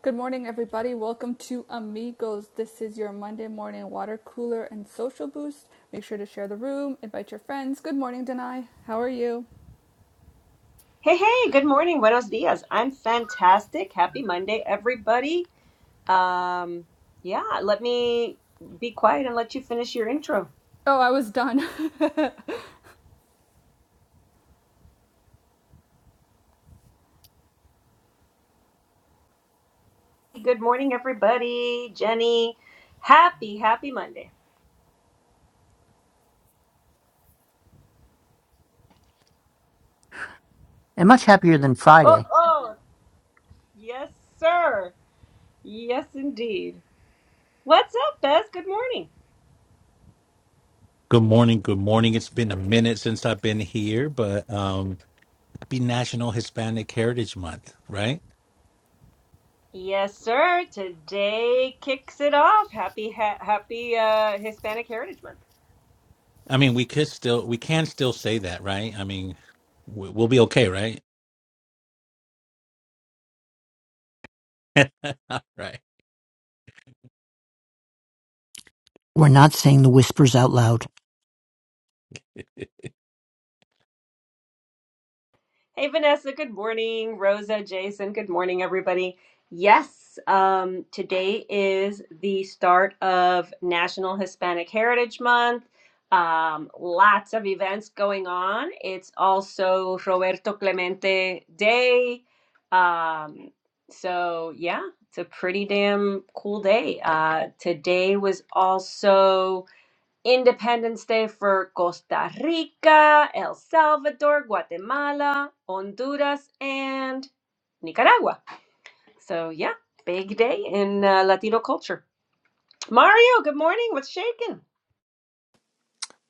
Good morning, everybody. Welcome to Amigos. This is your Monday morning water cooler and social boost. Make sure to share the room, invite your friends. Good morning, Denai. How are you? Hey, hey, good morning. Buenos dias. I'm fantastic. Happy Monday, everybody. Um, yeah, let me be quiet and let you finish your intro. Oh, I was done. Good morning, everybody. Jenny, happy, happy Monday. and much happier than Oh, Friday. oh, yes, sir. Yes, indeed. What's up, Bez? Good morning. Good morning. Good morning. It's been a minute since I've been here, but um happy National Hispanic Heritage Month, right? Yes, sir. Today kicks it off. Happy, ha- happy uh, Hispanic Heritage Month. I mean, we could still we can still say that, right? I mean, we- we'll be okay, right? right. We're not saying the whispers out loud. Hey, Hey, Vanessa. Good morning. Rosa, Jason. Good morning, everybody. Yes, um, today is the start of National Hispanic Heritage Month. Um, lots of events going on. It's also Roberto Clemente Day. Um, so, yeah, it's a pretty damn cool day. Uh, today was also. Independence Day for Costa Rica, El Salvador, Guatemala, Honduras, and Nicaragua. So, yeah, big day in uh, Latino culture. Mario, good morning. What's shaking?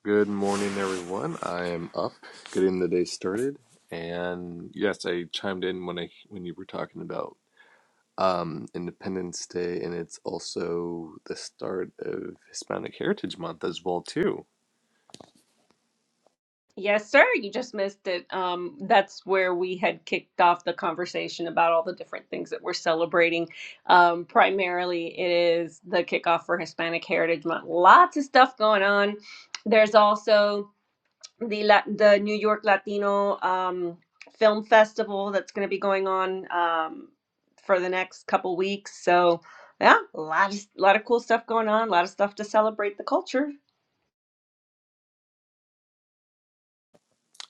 Good morning, everyone. I am up, getting the day started, and yes, I chimed in when I when you were talking about um, Independence Day, and it's also the start of Hispanic Heritage Month as well too. Yes, sir. You just missed it. Um, that's where we had kicked off the conversation about all the different things that we're celebrating. Um, primarily, it is the kickoff for Hispanic Heritage Month. Lots of stuff going on. There's also the La- the New York Latino um, Film Festival that's going to be going on um, for the next couple weeks. So, yeah, a lot of, lot of cool stuff going on. A lot of stuff to celebrate the culture.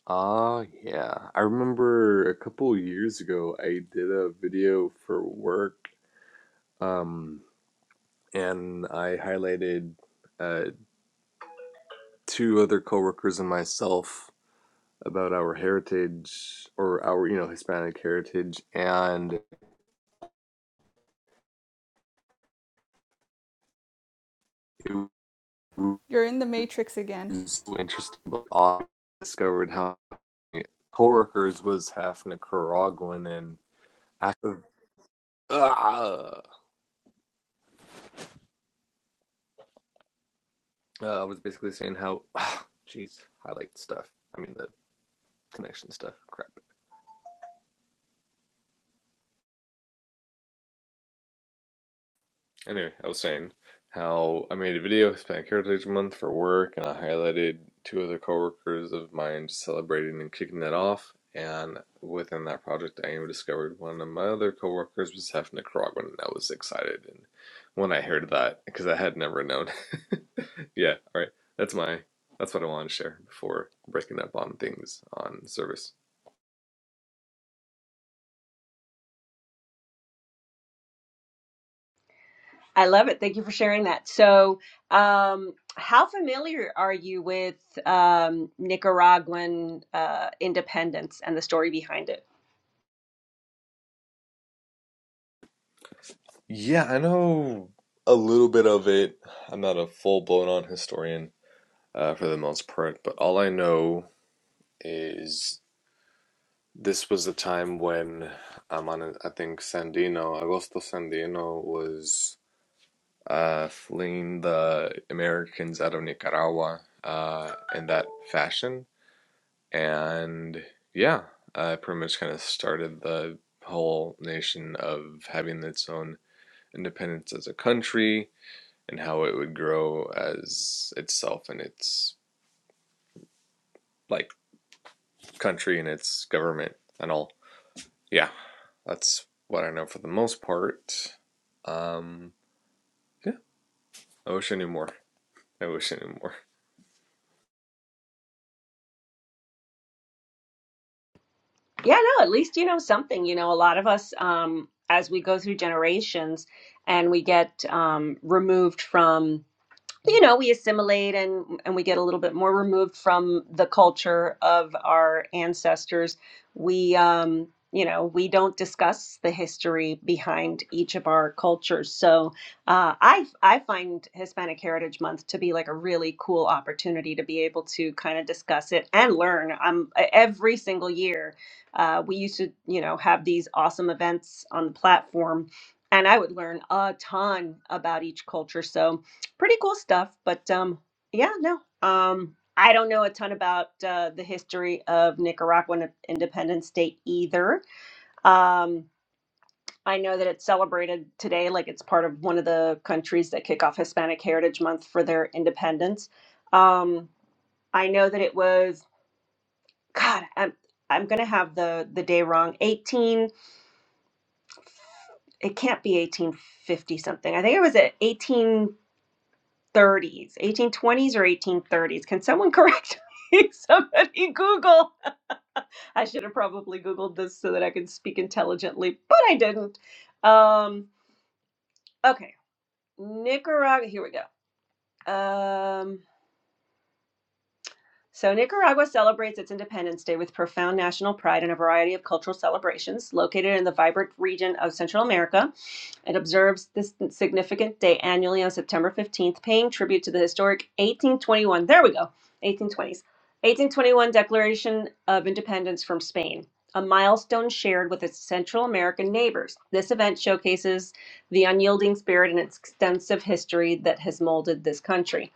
Ah, yeah. I remember a couple years ago, I did a video for work, um, and I highlighted uh, two other coworkers and myself about our heritage or our you know Hispanic heritage, and it was you're in the Matrix again. so interesting. But I discovered how my coworkers was half Nicaraguan, and I, uh, I was basically saying how, jeez, uh, I like stuff. I mean the connection stuff. Crap. Anyway, I was saying how I made a video, Hispanic Heritage Month for work, and I highlighted two other coworkers of mine celebrating and kicking that off. And within that project, I even discovered one of my other coworkers was half Nicaraguan, and I was excited. And when I heard that, because I had never known, yeah, all right, that's my that's what I wanted to share before breaking up on things on service. I love it. Thank you for sharing that. So, um, how familiar are you with um, Nicaraguan uh, independence and the story behind it? Yeah, I know a little bit of it. I'm not a full blown on historian uh, for the most part. But all I know is this was the time when I'm on. I think Sandino, Agosto Sandino, was uh, fleeing the Americans out of Nicaragua uh, in that fashion, and yeah, uh, pretty much kind of started the whole nation of having its own independence as a country and how it would grow as itself and its like country and its government and all. Yeah, that's what I know for the most part. Um, yeah, I wish I knew more. I wish I knew more. Yeah, no, at least you know something. You know, a lot of us, um, as we go through generations and we get um, removed from. you know we assimilate and and we get a little bit more removed from the culture of our ancestors we um you know we don't discuss the history behind each of our cultures so uh, i i find hispanic heritage month to be like a really cool opportunity to be able to kind of discuss it and learn um every single year uh, we used to you know have these awesome events on the platform and i would learn a ton about each culture so pretty cool stuff. But um, yeah, no, um, I don't know a ton about uh, the history of Nicaraguan independence state either. Um, I know that it's celebrated today, like it's part of one of the countries that kick off Hispanic Heritage Month for their independence. Um, I know that it was God. I'm, I'm gonna have the the day wrong. 18. It can't be 1850 something. I think it was at 18. 1830s, 1820s or 1830s. Can someone correct me? Somebody Google. I should have probably Googled this so that I could speak intelligently, but I didn't. Um, okay, Nicaragua. Here we go. Um, So, Nicaragua celebrates its Independence Day with profound national pride and a variety of cultural celebrations. Located in the vibrant region of Central America, it observes this significant day annually on September 15th, paying tribute to the historic 1821, there we go, 1820s, 1821 Declaration of Independence from Spain, a milestone shared with its Central American neighbors. This event showcases the unyielding spirit and extensive history that has molded this country.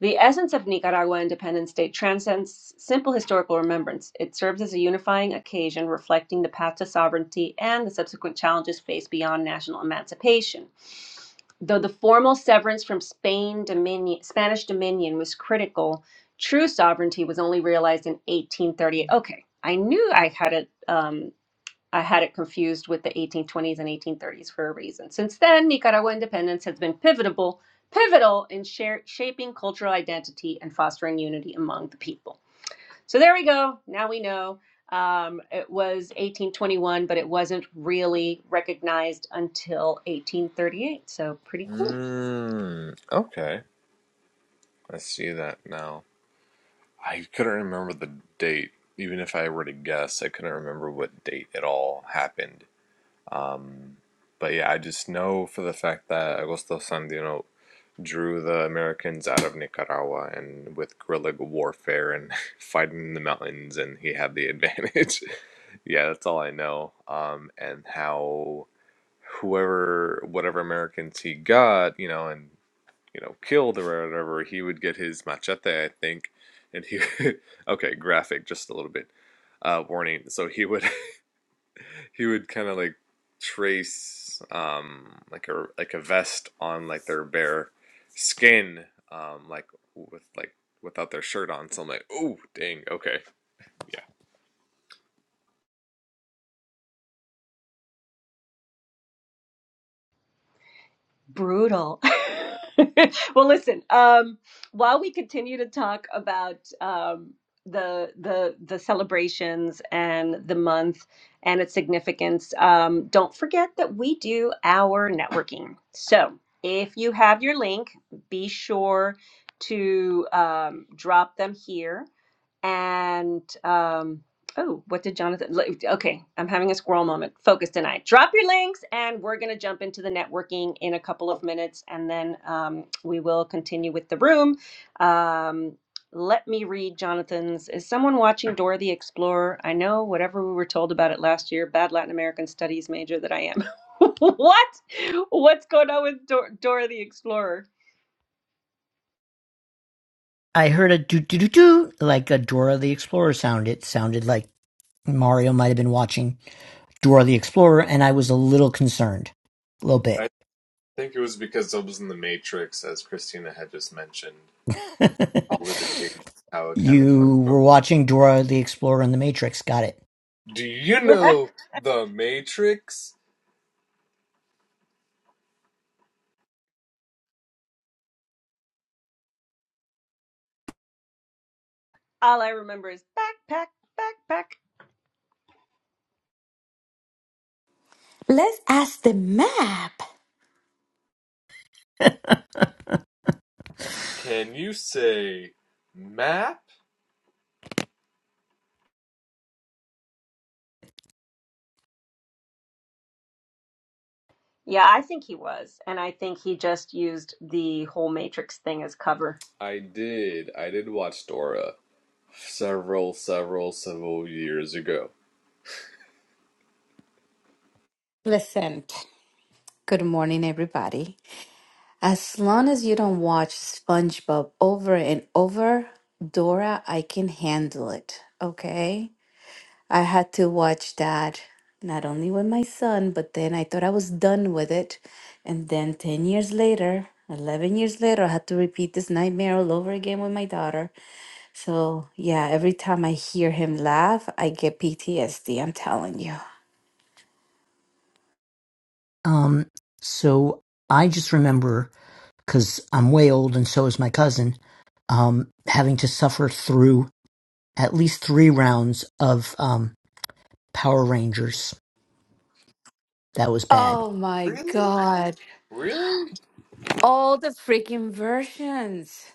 The essence of Nicaragua Independence Day transcends simple historical remembrance. It serves as a unifying occasion reflecting the path to sovereignty and the subsequent challenges faced beyond national emancipation. Though the formal severance from Spain dominion, Spanish dominion was critical, true sovereignty was only realized in 1838. Okay, I knew I had it. um, I had it confused with the 1820s and 1830s for a reason. Since then, Nicaragua independence has been pivotal, pivotal in share, shaping cultural identity and fostering unity among the people. So there we go. Now we know um, it was 1821, but it wasn't really recognized until 1838. So pretty cool. Mm, okay, I see that now. I couldn't remember the date. Even if I were to guess, I couldn't remember what date it all happened. Um, but yeah, I just know for the fact that Agosto Sandino drew the Americans out of Nicaragua and with guerrilla warfare and fighting in the mountains, and he had the advantage. yeah, that's all I know. Um, and how whoever, whatever Americans he got, you know, and you know, killed or whatever, he would get his machete, I think. And he, okay, graphic just a little bit. Uh, warning. So he would he would kind of like trace um like a like a vest on like their bare skin um like with like without their shirt on so i'm like oh dang okay yeah Brutal. well, listen. Um, while we continue to talk about um, the the the celebrations and the month and its significance, um, don't forget that we do our networking. So, if you have your link, be sure to um, drop them here and um, oh, what did Jonathan? like, Okay, I'm having a squirrel moment. Focus tonight. Drop your links, and we're going to jump into the networking in a couple of minutes, and then um, we will continue with the room. Um, let me read Jonathan's. Is someone watching Dora the Explorer? I know whatever we were told about it last year, bad Latin American studies major that I am. what? What's going on with Dor- Dora the Explorer? I heard a do do do do like a Dora the Explorer sound. It sounded like Mario might have been watching Dora the Explorer, and I was a little concerned. A little bit. I think it was because it was in the Matrix, as Christina had just mentioned. All of the things, how it kind of started you from. were watching Dora the Explorer and the Matrix, got it. Do you know the Matrix? All I remember is backpack, backpack, Let's ask the map. Can you say map? Yeah, I think he was. And I think he just used the whole Matrix thing as cover. i did i did watch dora several several several years ago Listen, good morning, everybody. As long as you don't watch SpongeBob over and over, Dora, I can handle it. Okay? I had to watch that not only with my son, but then I thought I was done with it. And then 10 years later, 11 years later, I had to repeat this nightmare all over again with my daughter. So, yeah, every time I hear him laugh, I get PTSD, I'm telling you. Um, so I just remember, because I'm way old and so is my cousin, um, having to suffer through at least three rounds of um, Power Rangers That was bad. Oh my Really? God. Really? All the freaking versions.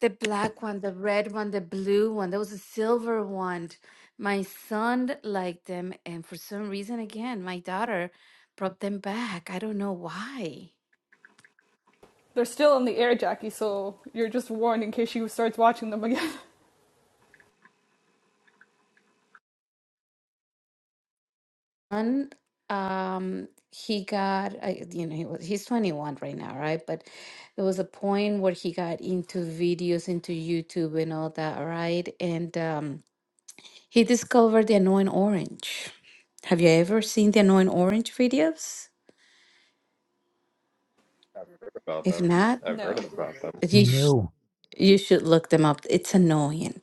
The black one, the red one, the blue one. There was a silver one. My son liked them. And for some reason, again, my daughter brought them back. I don't know why. They're still in the air, Jackie, so you're just warned in case she starts watching them again. One, um, he got, I- you know, he was, he's 21 right now, right? But there was a point where he got into videos, into YouTube and all that, right? And, um, He discovered the annoying orange. Have you ever seen the annoying orange videos? About If them. not, I've heard no. about them. you sh- No. you should look them up. It's annoying.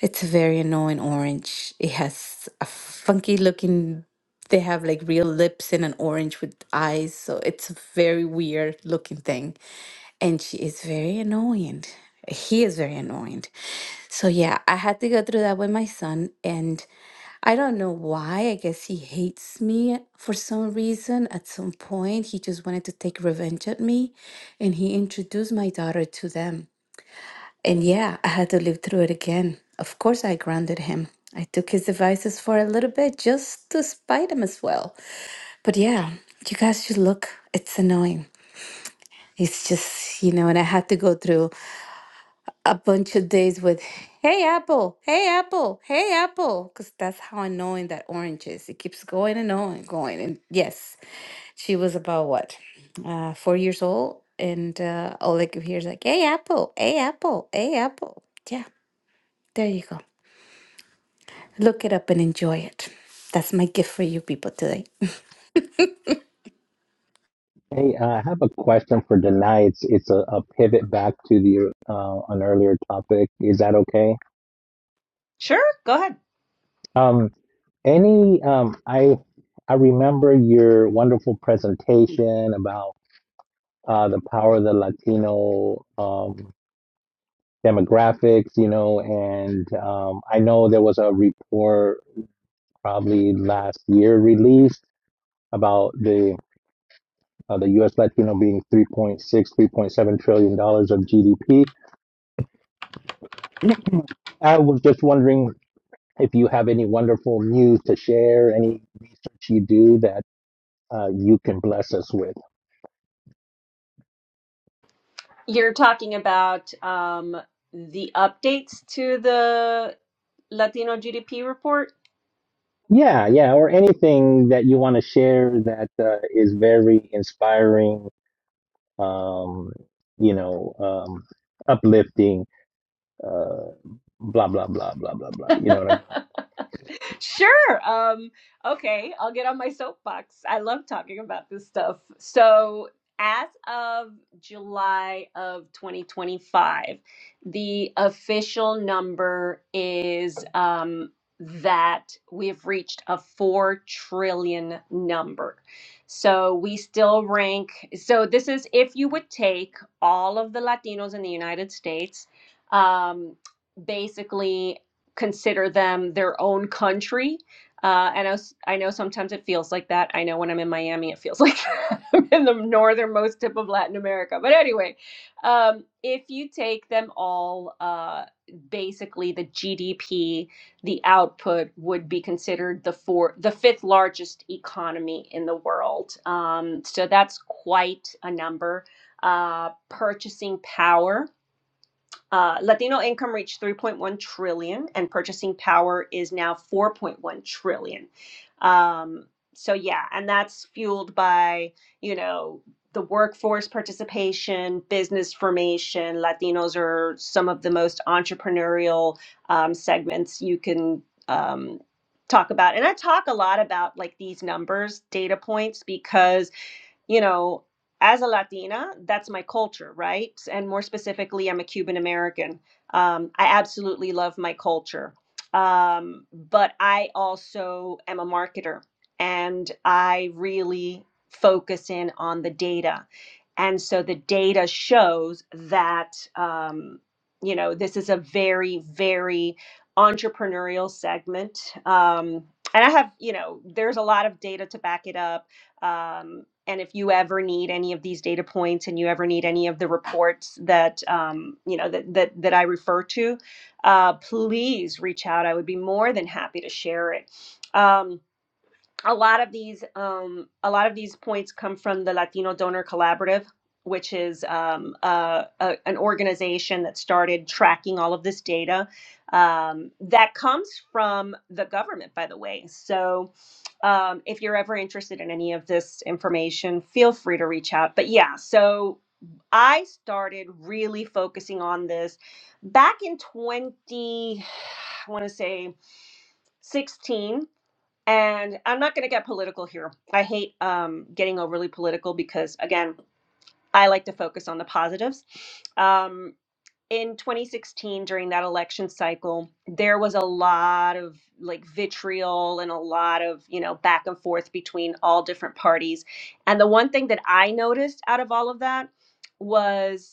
It's a very annoying orange. It has a funky looking. They have like real lips and an orange with eyes, so it's a very weird looking thing. And she is very annoying. He is very annoying. So yeah, I had to go through that with my son, and I don't know why. I guess he hates me for some reason. At some point, he just wanted to take revenge at me, and he introduced my daughter to them. And yeah, I had to live through it again. Of course, I grounded him. I took his devices for a little bit just to spite him as well. But yeah, you guys should look. It's annoying. It's just, you know, and I had to go through a bunch of days with hey apple hey apple hey apple because that's how annoying that orange is it keeps going and on and going and yes she was about what uh four years old and uh all i could hear is like hey apple hey apple hey apple yeah there you go look it up and enjoy it that's my gift for you people today uh, I have a question for Denai. It's it's a, a pivot back to the uh, an earlier topic. Is that okay? Sure, go ahead. Um, any um, I I remember your wonderful presentation about uh, the power of the Latino um. demographics, you know, and um, I know there was a report probably last year released about the uh, the U.S. Latino being three point six, three point seven trillion dollars of GDP. I was just wondering if you have any wonderful news to share, any that you do that uh, you can bless us with. You're talking about um, the updates to the Latino GDP report? Yeah, yeah, or anything that you want to share that uh, is very inspiring, um, you know, um, uplifting uh, blah blah blah blah blah blah. You know what I mean? Sure. Um, okay, I'll get on my soapbox. I love talking about this stuff. So, as of July of 2025, the official number is um, that we've reached a 4 trillion number. So, we still rank. So, this is if you would take all of the Latinos in the United States. Um, basically consider them their own country. Uh, and I, was, I know sometimes it feels like that. I know when I'm in Miami, it feels like I'm in the northernmost tip of Latin America. But anyway, um, if you take them all, uh, basically the GDP, the output would be considered the four, the fifth largest economy in the world. Um, so that's quite a number. Uh, purchasing power uh, Latino income reached 3.1 trillion, and purchasing power is now 4.1 trillion. Um, so yeah, and that's fueled by you know the workforce participation, business formation. Latinos are some of the most entrepreneurial um, segments you can um, talk about, and I talk a lot about like these numbers, data points, because you know, as a Latina, that's my culture, right? And more specifically, I'm a Cuban American. Um, I absolutely love my culture. Um, but I also am a marketer and I really focus in on the data. And so the data shows that, um, you know, this is a very, very entrepreneurial segment. Um, and I have, you know, there's a lot of data to back it up Um, and if you ever need any of these data points and you ever need any of the reports that um, you know that, that that i refer to uh, please reach out i would be more than happy to share it um, a lot of these um, a lot of these points come from the latino donor collaborative which is um, uh, a, an organization that started tracking all of this data um, that comes from the government by the way so um, if you're ever interested in any of this information, feel free to reach out. But yeah, so I started really focusing on this back in 20, I want to say 16. And I'm not going to get political here. I hate um, getting overly political because, again, I like to focus on the positives. Um, in 2016 during that election cycle there was a lot of like vitriol and a lot of you know back and forth between all different parties and the one thing that i noticed out of all of that was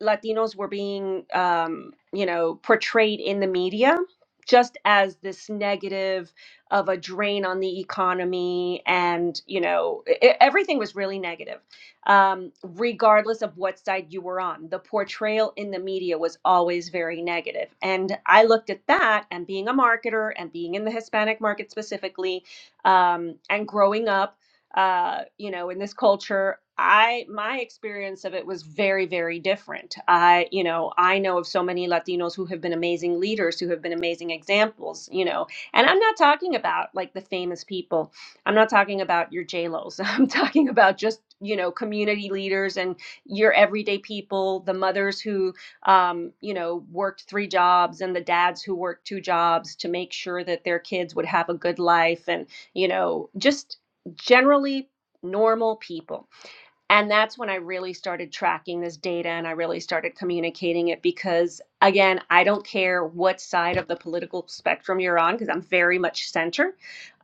Latinos were being, um, you know, portrayed in the media just as this negative of a drain on the economy and you know e- e, everything was really negative um, regardless of what side you were on the portrayal in the media was always very negative and i looked at that and being a marketer and being in the hispanic market specifically um, and growing up uh, you know, in this culture, I my experience of it was very, very different. I, you know, I know of so many Latinos who have been amazing leaders, who have been amazing examples, you know. And I'm not talking about like the famous people. I'm not talking about your J-Los. I'm talking about just, you know, community leaders and your everyday people, the mothers who um, you know, worked three jobs and the dads who worked two jobs to make sure that their kids would have a good life and you know just generally normal people and that's when I really started tracking this data and I really started communicating it because, again, I don't care what side of the political spectrum you're on because I'm very much center.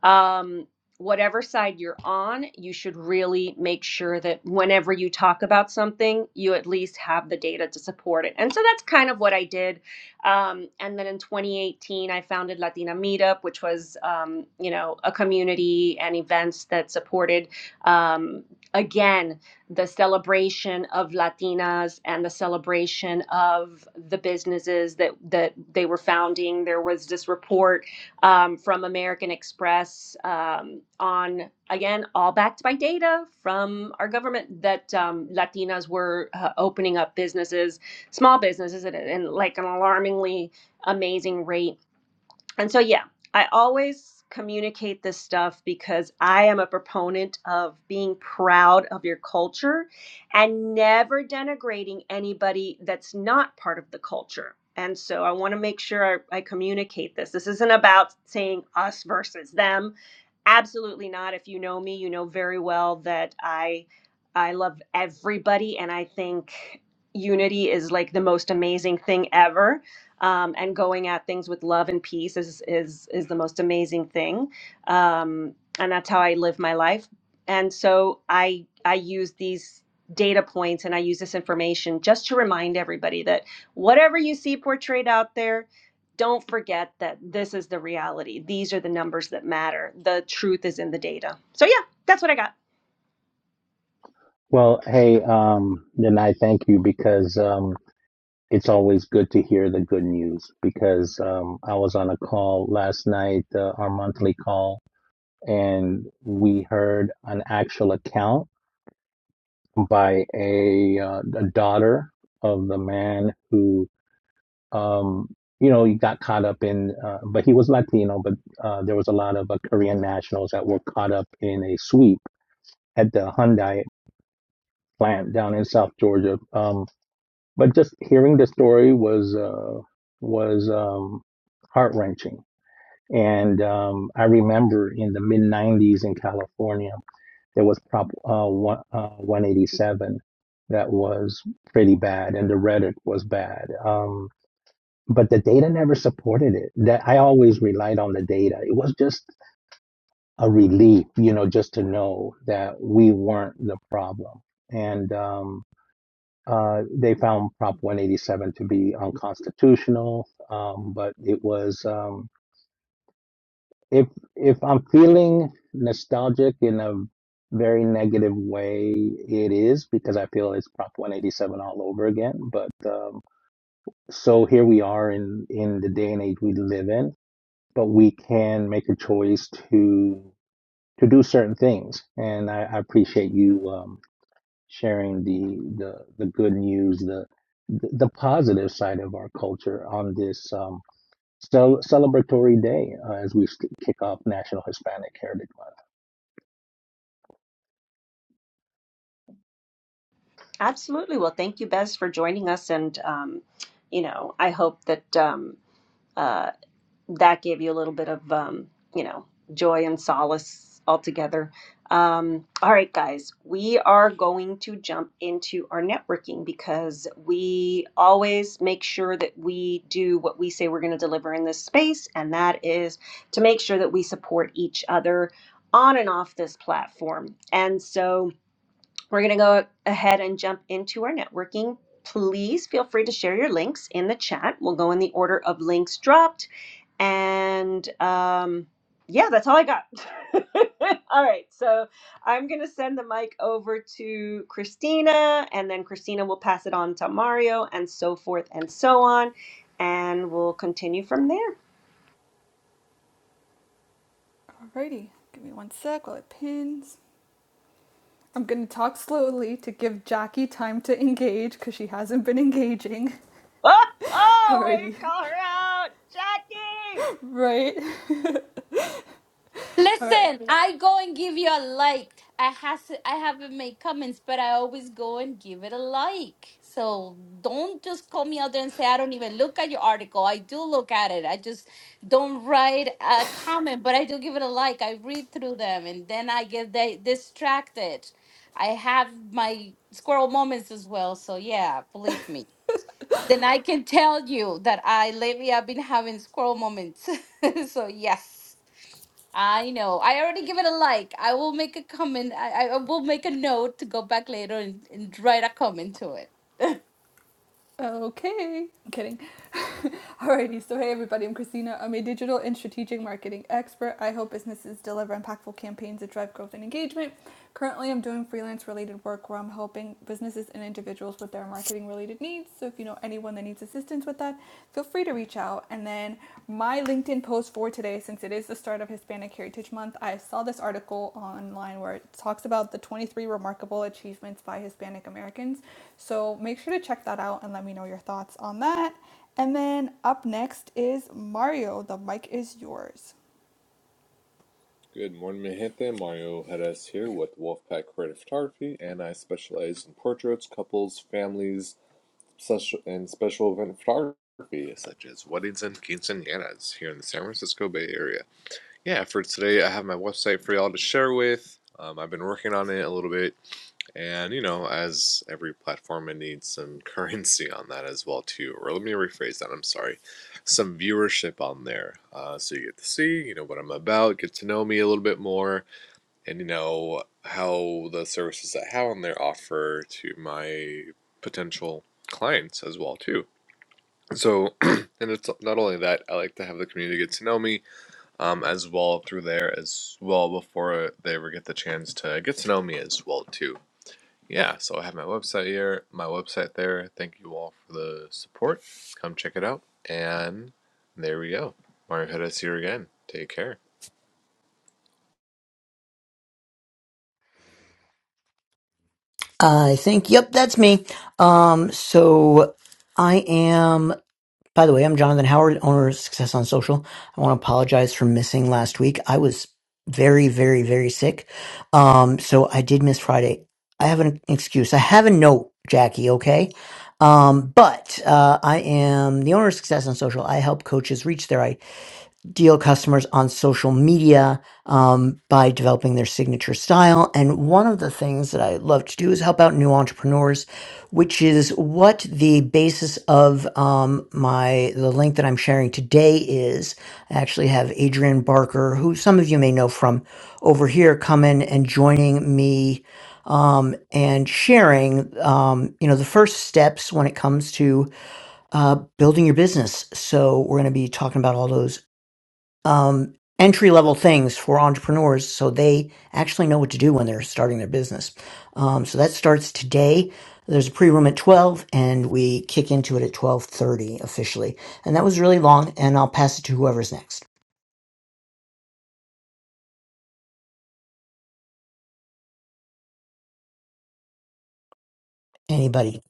Um, whatever side you're on, you should really make sure that whenever you talk about something, you at least have the data to support it. And so that's kind of what I did. Um, and then in 2018, I founded Latina Meetup, which was, um, you know, a community and events that supported. Um, again the celebration of Latinas and the celebration of the businesses that that they were founding. There was this report um, from American Express um, on again all backed by data from our government that um, Latinas were uh, opening up businesses, small businesses, at, at like an alarmingly amazing rate and so, yeah, I always communicate this stuff because I am a proponent of being proud of your culture and never denigrating anybody that's not part of the culture. And so I want to make sure I, I communicate this. This isn't about saying us versus them Absolutely not. If you know me, you know very well that I I love everybody and I think unity is like the most amazing thing ever. Um, and going at things with love and peace is is is the most amazing thing. Um, and that's how I live my life. And so I I use these data points and I use this information just to remind everybody that whatever you see portrayed out there don't forget that this is the reality. These are the numbers that matter. The truth is in the data. So yeah, that's what I got. Well, hey, um, then I thank you because um, it's always good to hear the good news. Because um, I was on a call last night, uh, our monthly call, and we heard an actual account by a, uh, a daughter of the man who. um, you know, he got caught up in, uh, but he was Latino, but uh, there was a lot of uh, Korean nationals that were caught up in a sweep at the Hyundai plant down in South Georgia. Um, but just hearing the story was uh, was um, heart wrenching. And um, I remember in the mid '90s in California, there was Prop uh, one, uh, 187 that was pretty bad, and the rhetoric was bad. Um, but the data never supported it. That I always relied on the data. It was just a relief, you know, just to know that we weren't the problem. And um, uh, they found Prop 187 to be unconstitutional, um, but it was um, if if I'm feeling nostalgic in a very negative way, it is because I feel it's Prop 187 all over again. But um, so here we are in in the day and age we live in but we can make a choice to to do certain things. And I, I appreciate you um, sharing the, the the good news, the the positive side of our culture on this. Um, cel- celebratory day uh, as we st- kick off National Hispanic Heritage Month. Absolutely. Well, thank you, Bez, for joining us, and um, you know, I hope that um, uh, that gave you a little bit of um, you know joy and solace altogether um, all right guys we are going to jump into our networking because we always make sure that we do what we say we're going to deliver in this space and that is to make sure that we support each other on and off this platform and so we're going to go ahead and jump into our networking please feel free to share your links in the chat we'll go in the order of links dropped and um, yeah, that's all I got. all right. So I'm going to send the mic over to Christina, and then Christina will pass it on to Mario, and so forth and so on. And we'll continue from there. Alrighty. Give me one sec while it pins. I'm going to talk slowly to give Jackie time to engage because she hasn't been engaging. Oh, oh way Alrighty. to call her out, Jackie! Right? All right. Listen, I go and give you a like. I has I haven't made comments, but I always go and give it a like. So don't just call me out there and say I don't even look at your article. I do look at it. I just don't write a comment, but I do give it a like. I read through them and then I get they distracted. I have my squirrel moments as well. So yeah, believe me. Then I can tell you that I lately I've been having squirrel moments. so yes, I know. I already give it a like. I will make a comment. I, I will make a note to go back later and, and write a comment to it. Okay, I'm kidding. Alrighty, so hey everybody, I'm Christina. I'm a digital and strategic marketing expert. I help businesses deliver impactful campaigns that drive growth and engagement. Currently, I'm doing freelance related work where I'm helping businesses and individuals with their marketing related needs. So if you know anyone that needs assistance with that, feel free to reach out. And then my LinkedIn post for today, since it is the start of Hispanic Heritage Month, I saw this article online where it talks about the 23 remarkable achievements by Hispanic Americans. So make sure to check that out and let me know your thoughts on that. And then up next is Mario. The mic is yours. Good morning, Mahente Mario Jerez here with Wolfpack Creative Photography, and I specialize in portraits, couples, families, such and special event photography, such as weddings and quinceañeras here in the San Francisco Bay Area. Yeah, for today, I have my website for y'all to share with. Um, I've been working on it a little bit, And you know, as every platform, it needs some currency on that as well too. Or let me rephrase that. I'm sorry, some viewership on there, uh, so you get to see, you know, what I'm about, get to know me a little bit more, and you know how the services I have on there offer to my potential clients as well too. So, and it's not only that I like to have the community get to know me, um, as well through there as well before they ever get the chance to get to know me as well too yeah, so I have my website here, my website there. Thank you all for the support. Come check it out. And there we go. Mario Head here again. Take care. I think, yep, that's me. Um, so I am, by the way, I'm Jonathan Howard, owner of Success on Social. I want to apologize for missing last week. I was very, very, very sick. Um, so I did miss Friday. I have an excuse. I have a note, Jackie, okay? Um, but, uh, I am the owner of Success on Social. I help coaches reach their deal customers on social media um, by developing their signature style. And one of the things that I love to do is help out new entrepreneurs, which is what the basis of um, my the link that I'm sharing today is. I actually have Adrian Barker, who some of you may know from over here, come in and joining me um, and sharing um, you know the first steps when it comes to uh, building your business. So we're going to be talking about all those um, entry level things for entrepreneurs so they actually know what to do when they're starting their business. Um, so that starts today. There's a pre-room at 12 and we kick into it at 12:30 officially. And that was really long and I'll pass it to whoever's next. Anybody.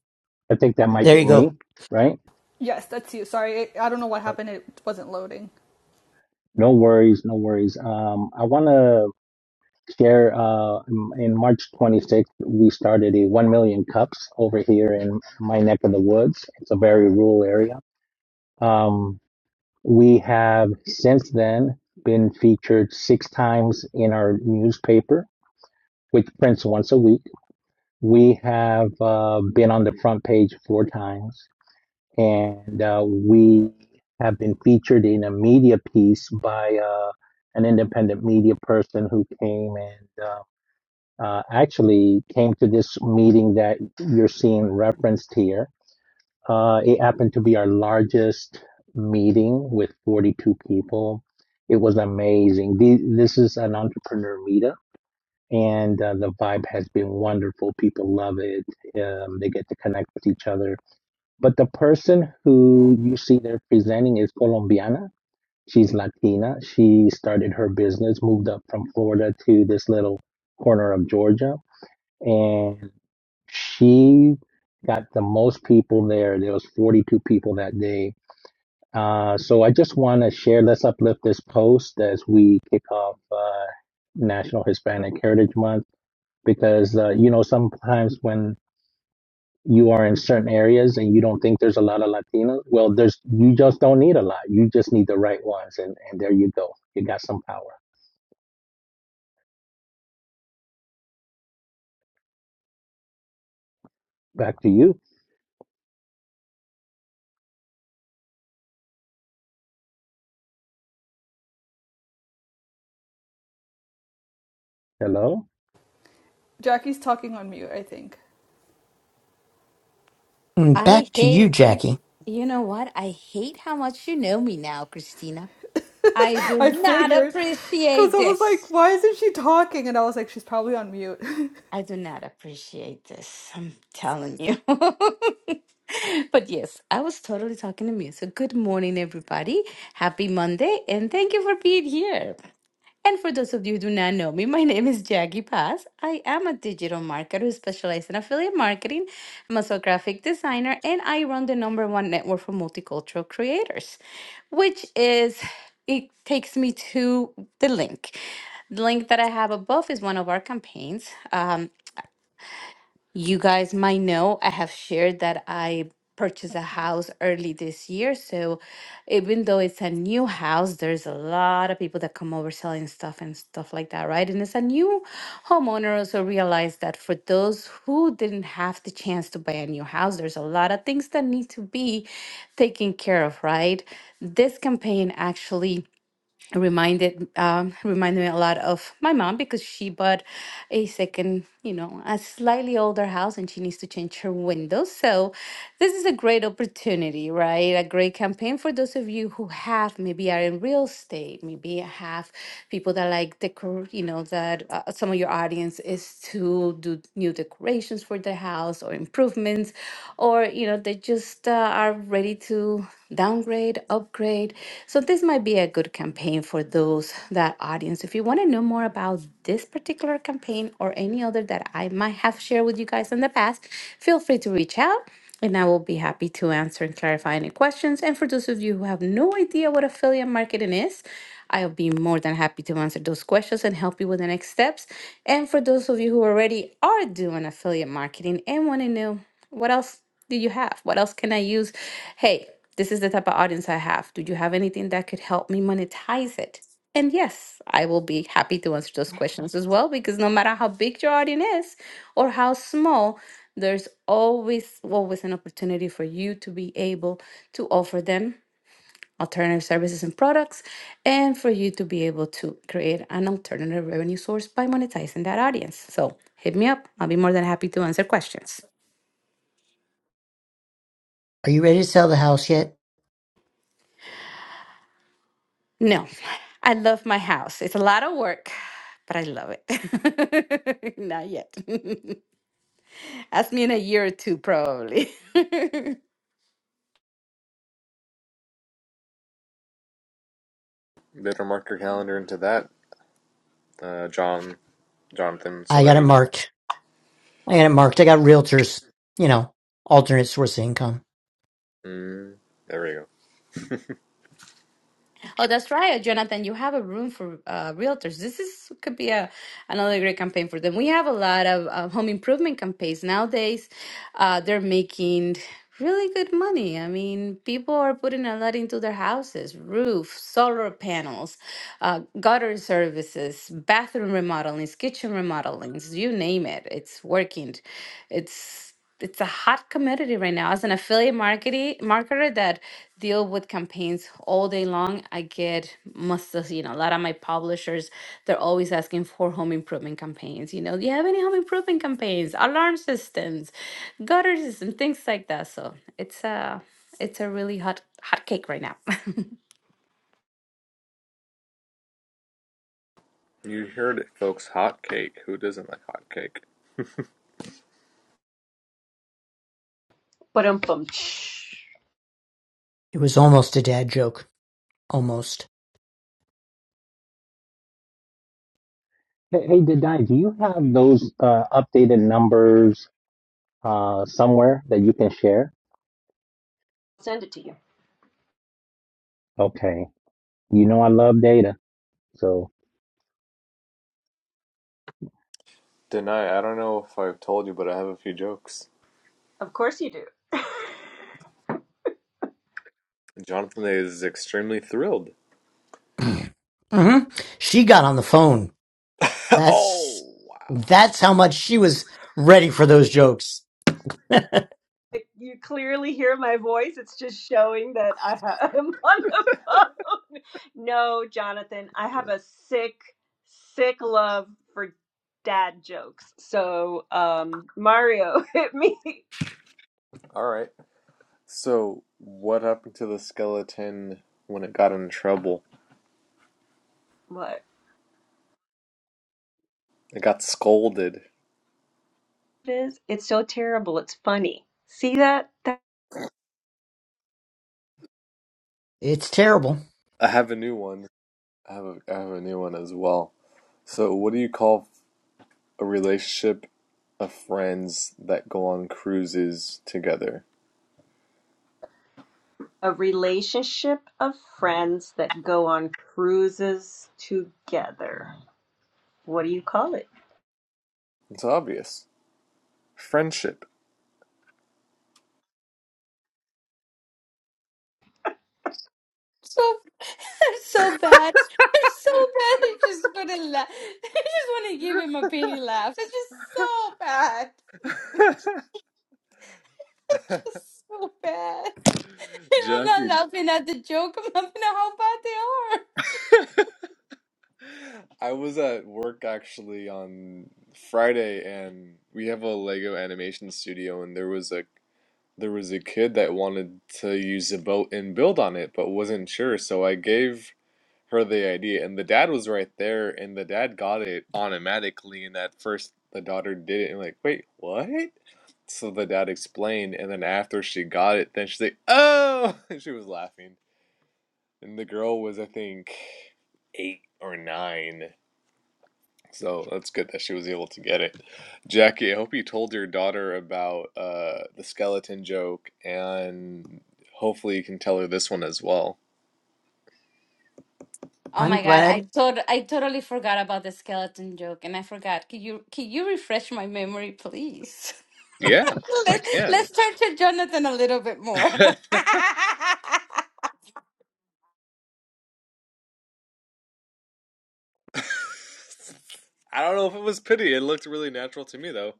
I think that might There be you me, go. right? Yes, that's you. Sorry, I don't know what happened. It wasn't loading. No worries, no worries. Um, I want to Here uh, in March 26th, we started a 1 million cups over here in my neck of the woods. It's a very rural area. Um, we have since then been featured six times in our newspaper, which prints once a week. We have uh, been on the front page four times, and uh, we have been featured in a media piece by uh, an independent media person who came and. uh, uh, actually came to this meeting that you're seeing referenced here. Uh, it happened to be our largest meeting with 42 people. It was amazing. The, this is an entrepreneur meetup, and uh, the vibe has been wonderful. People love it. Um, they get to connect with each other. But the person who you see there presenting is Colombiana. She's Latina. She started her business, moved up from Florida to this little corner of Georgia and she got the most people there. There was 42 people that day. Uh, so I just want to share, let's uplift this post as we kick off uh, National Hispanic Heritage Month because, uh, you know, sometimes when you are in certain areas and you don't think there's a lot of Latinos, well, there's you just don't need a lot. You just need the right ones. And, and there you go. You got some power. Back to you. Hello? Jackie's talking on mute, I think. And I back to you, hate, Jackie. you know what? I hate how much you know me now, Christina. I do I not figured. Because appreciate I was this. like, why isn't she talking? And I was like, she's probably on mute. I do not appreciate this. I'm telling you. But yes, I was totally talking to me. So good morning, everybody. Happy Monday, and thank you for being here. And for those of you who do not know me, my name is Jackie Paz. I am a digital marketer who specializes in affiliate marketing. I'm also a graphic designer, and I run the number one network for multicultural creators, which is it takes me to the link. The link that I have above is one of our campaigns. Um, you guys might know I have shared that I purchased a house early this year. So even though it's a new house, there's a lot of people that come over selling stuff and stuff like that, right? And as a new homeowner, also realize that for those who didn't have the chance to buy a new house, there's a lot of things that need to be taken care of, right? This campaign actually reminded um, reminded me a lot of my mom because she bought a second, you know, a slightly older house and she needs to change her windows. So this is a great opportunity, right? A great campaign for those of you who have maybe are in real estate, maybe have people that like decor, you know, that uh, some of your audience is to do new decorations for their house or improvements, or you know, they just uh, are ready to downgrade, upgrade. So this might be a good campaign for those that audience. If you want to know more about this particular campaign or any other that I might have shared with you guys in the past, feel free to reach out and I will be happy to answer and clarify any questions. And for those of you who have no idea what affiliate marketing is, I'll be more than happy to answer those questions and help you with the next steps. And for those of you who already are doing affiliate marketing and want to know what else do you have? What else can I use? Hey, this is the type of audience I have. Do you have anything that could help me monetize it? And yes, I will be happy to answer those questions as well because no matter how big your audience is or how small, there's always always an opportunity for you to be able to offer them alternative services and products and for you to be able to create an alternative revenue source by monetizing that audience. So, hit me up. I'll be more than happy to answer questions. Are you ready to sell the house yet? No, I love my house. It's a lot of work, but I love it. Not yet. Ask me in a year or two, probably. Better mark your calendar into that, uh, John, Jonathan, so I that got it you know. marked. I got it marked. I got realtors, you know, alternate source of income. Mm, there we go. Oh, that's right, Jonathan. You have a room for uh, realtors. This is could be a another great campaign for them. We have a lot of uh, home improvement campaigns nowadays. Uh, they're making really good money. I mean, people are putting a lot into their houses: roof, solar panels, uh, gutter services, bathroom remodelings, kitchen remodelings. You name it, it's working. It's it's a hot commodity right now as an affiliate marketing marketer that deal with campaigns all day long i get most of you know a lot of my publishers they're always asking for home improvement campaigns you know do you have any home improvement campaigns alarm systems gutter systems things like that so it's a it's a really hot hot cake right now You heard it, folks. Hot cake. Who doesn't like hot cake? But um, It was almost a dad joke. Almost. Hey, hey, Didai, do you have those uh, updated numbers uh, somewhere that you can share? send it to you. Okay. You know I love data, so Deny. I don't know if I've told you, but I have a few jokes. Of course you do. Jonathan is extremely thrilled. hmm She got on the phone That's oh wow! that's how much she was ready for those jokes. Like, You clearly hear my voice. It's just showing that I ha- am on the phone. No, Jonathan, I have a sick, sick love for dad jokes. So, um, Mario, hit me. All right. So, what happened to the skeleton when it got in trouble? What It got scolded. it is? It's so terrible. It's funny. See that? It's terrible. I have a new one. I have a, I have a new one as well. So, what do you call a relationship of friends that go on cruises together? A relationship of friends that go on cruises together. What do you call it? It's obvious. Friendship. so it's so bad it's so bad i just want to laugh i just want to give him a pity laugh it's just so bad just so bad. And I'm Jackie. not laughing at the joke. I'm laughing at how bad they are. I was at work actually on Friday and we have a Lego animation studio and there was a There was a kid that wanted to use a boat and build on it, but wasn't sure, so I gave her the idea, and the dad was right there, and the dad got it automatically, and at first the daughter did it, and like, wait, what? So the dad explained, and then after she got it, then she's like, oh, and she was laughing, and the girl was, I think, eight or nine, so that's good that she was able to get it. Jackie, I hope you told your daughter about uh, the skeleton joke, and hopefully you can tell her this one as well. Oh I'm my god, I glad. tot I totally forgot about the skeleton joke, and I forgot. Can you can you refresh my memory, please? Go Yeah, I Let's can. let's turn to Jonathan a little bit more. I don't know if it was pity. It looked really natural to me, though.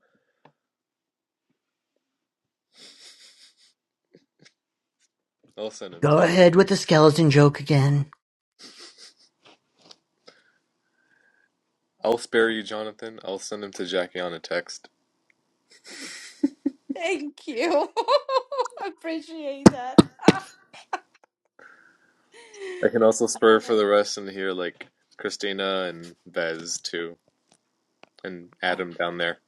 I'll send him to you. ahead with the skeleton joke again. I'll spare you, Jonathan. I'll send him to Jackie on a text. Thank you. Appreciate that. I can also spare for the rest and hear like Christina and Vez too, and Adam down there.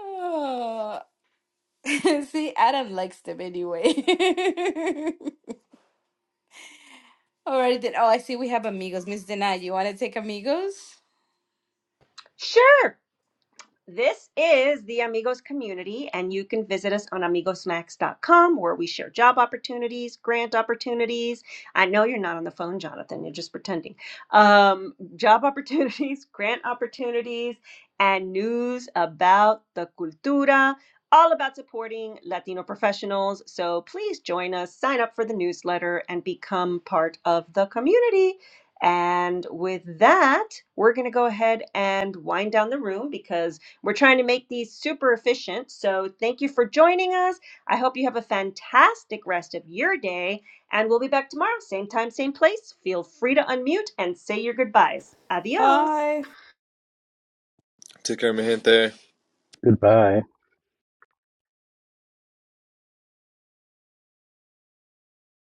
Oh. See, Adam likes them anyway. Alrighty then. Oh, I see we have amigos. Miss Denai. you want to take amigos? Sure. This is the Amigos community, and you can visit us on amigosmax.com where we share job opportunities, grant opportunities. I know you're not on the phone, Jonathan, you're just pretending. Um, job opportunities, grant opportunities, and news about the cultura, all about supporting Latino professionals. So please join us, sign up for the newsletter, and become part of the community. And with that, we're going to go ahead and wind down the room because we're trying to make these super efficient. So thank you for joining us. I hope you have a fantastic rest of your day. And we'll be back tomorrow, same time, same place. Feel free to unmute and say your goodbyes. Adios. Bye. Take care, mi gente. goodbye.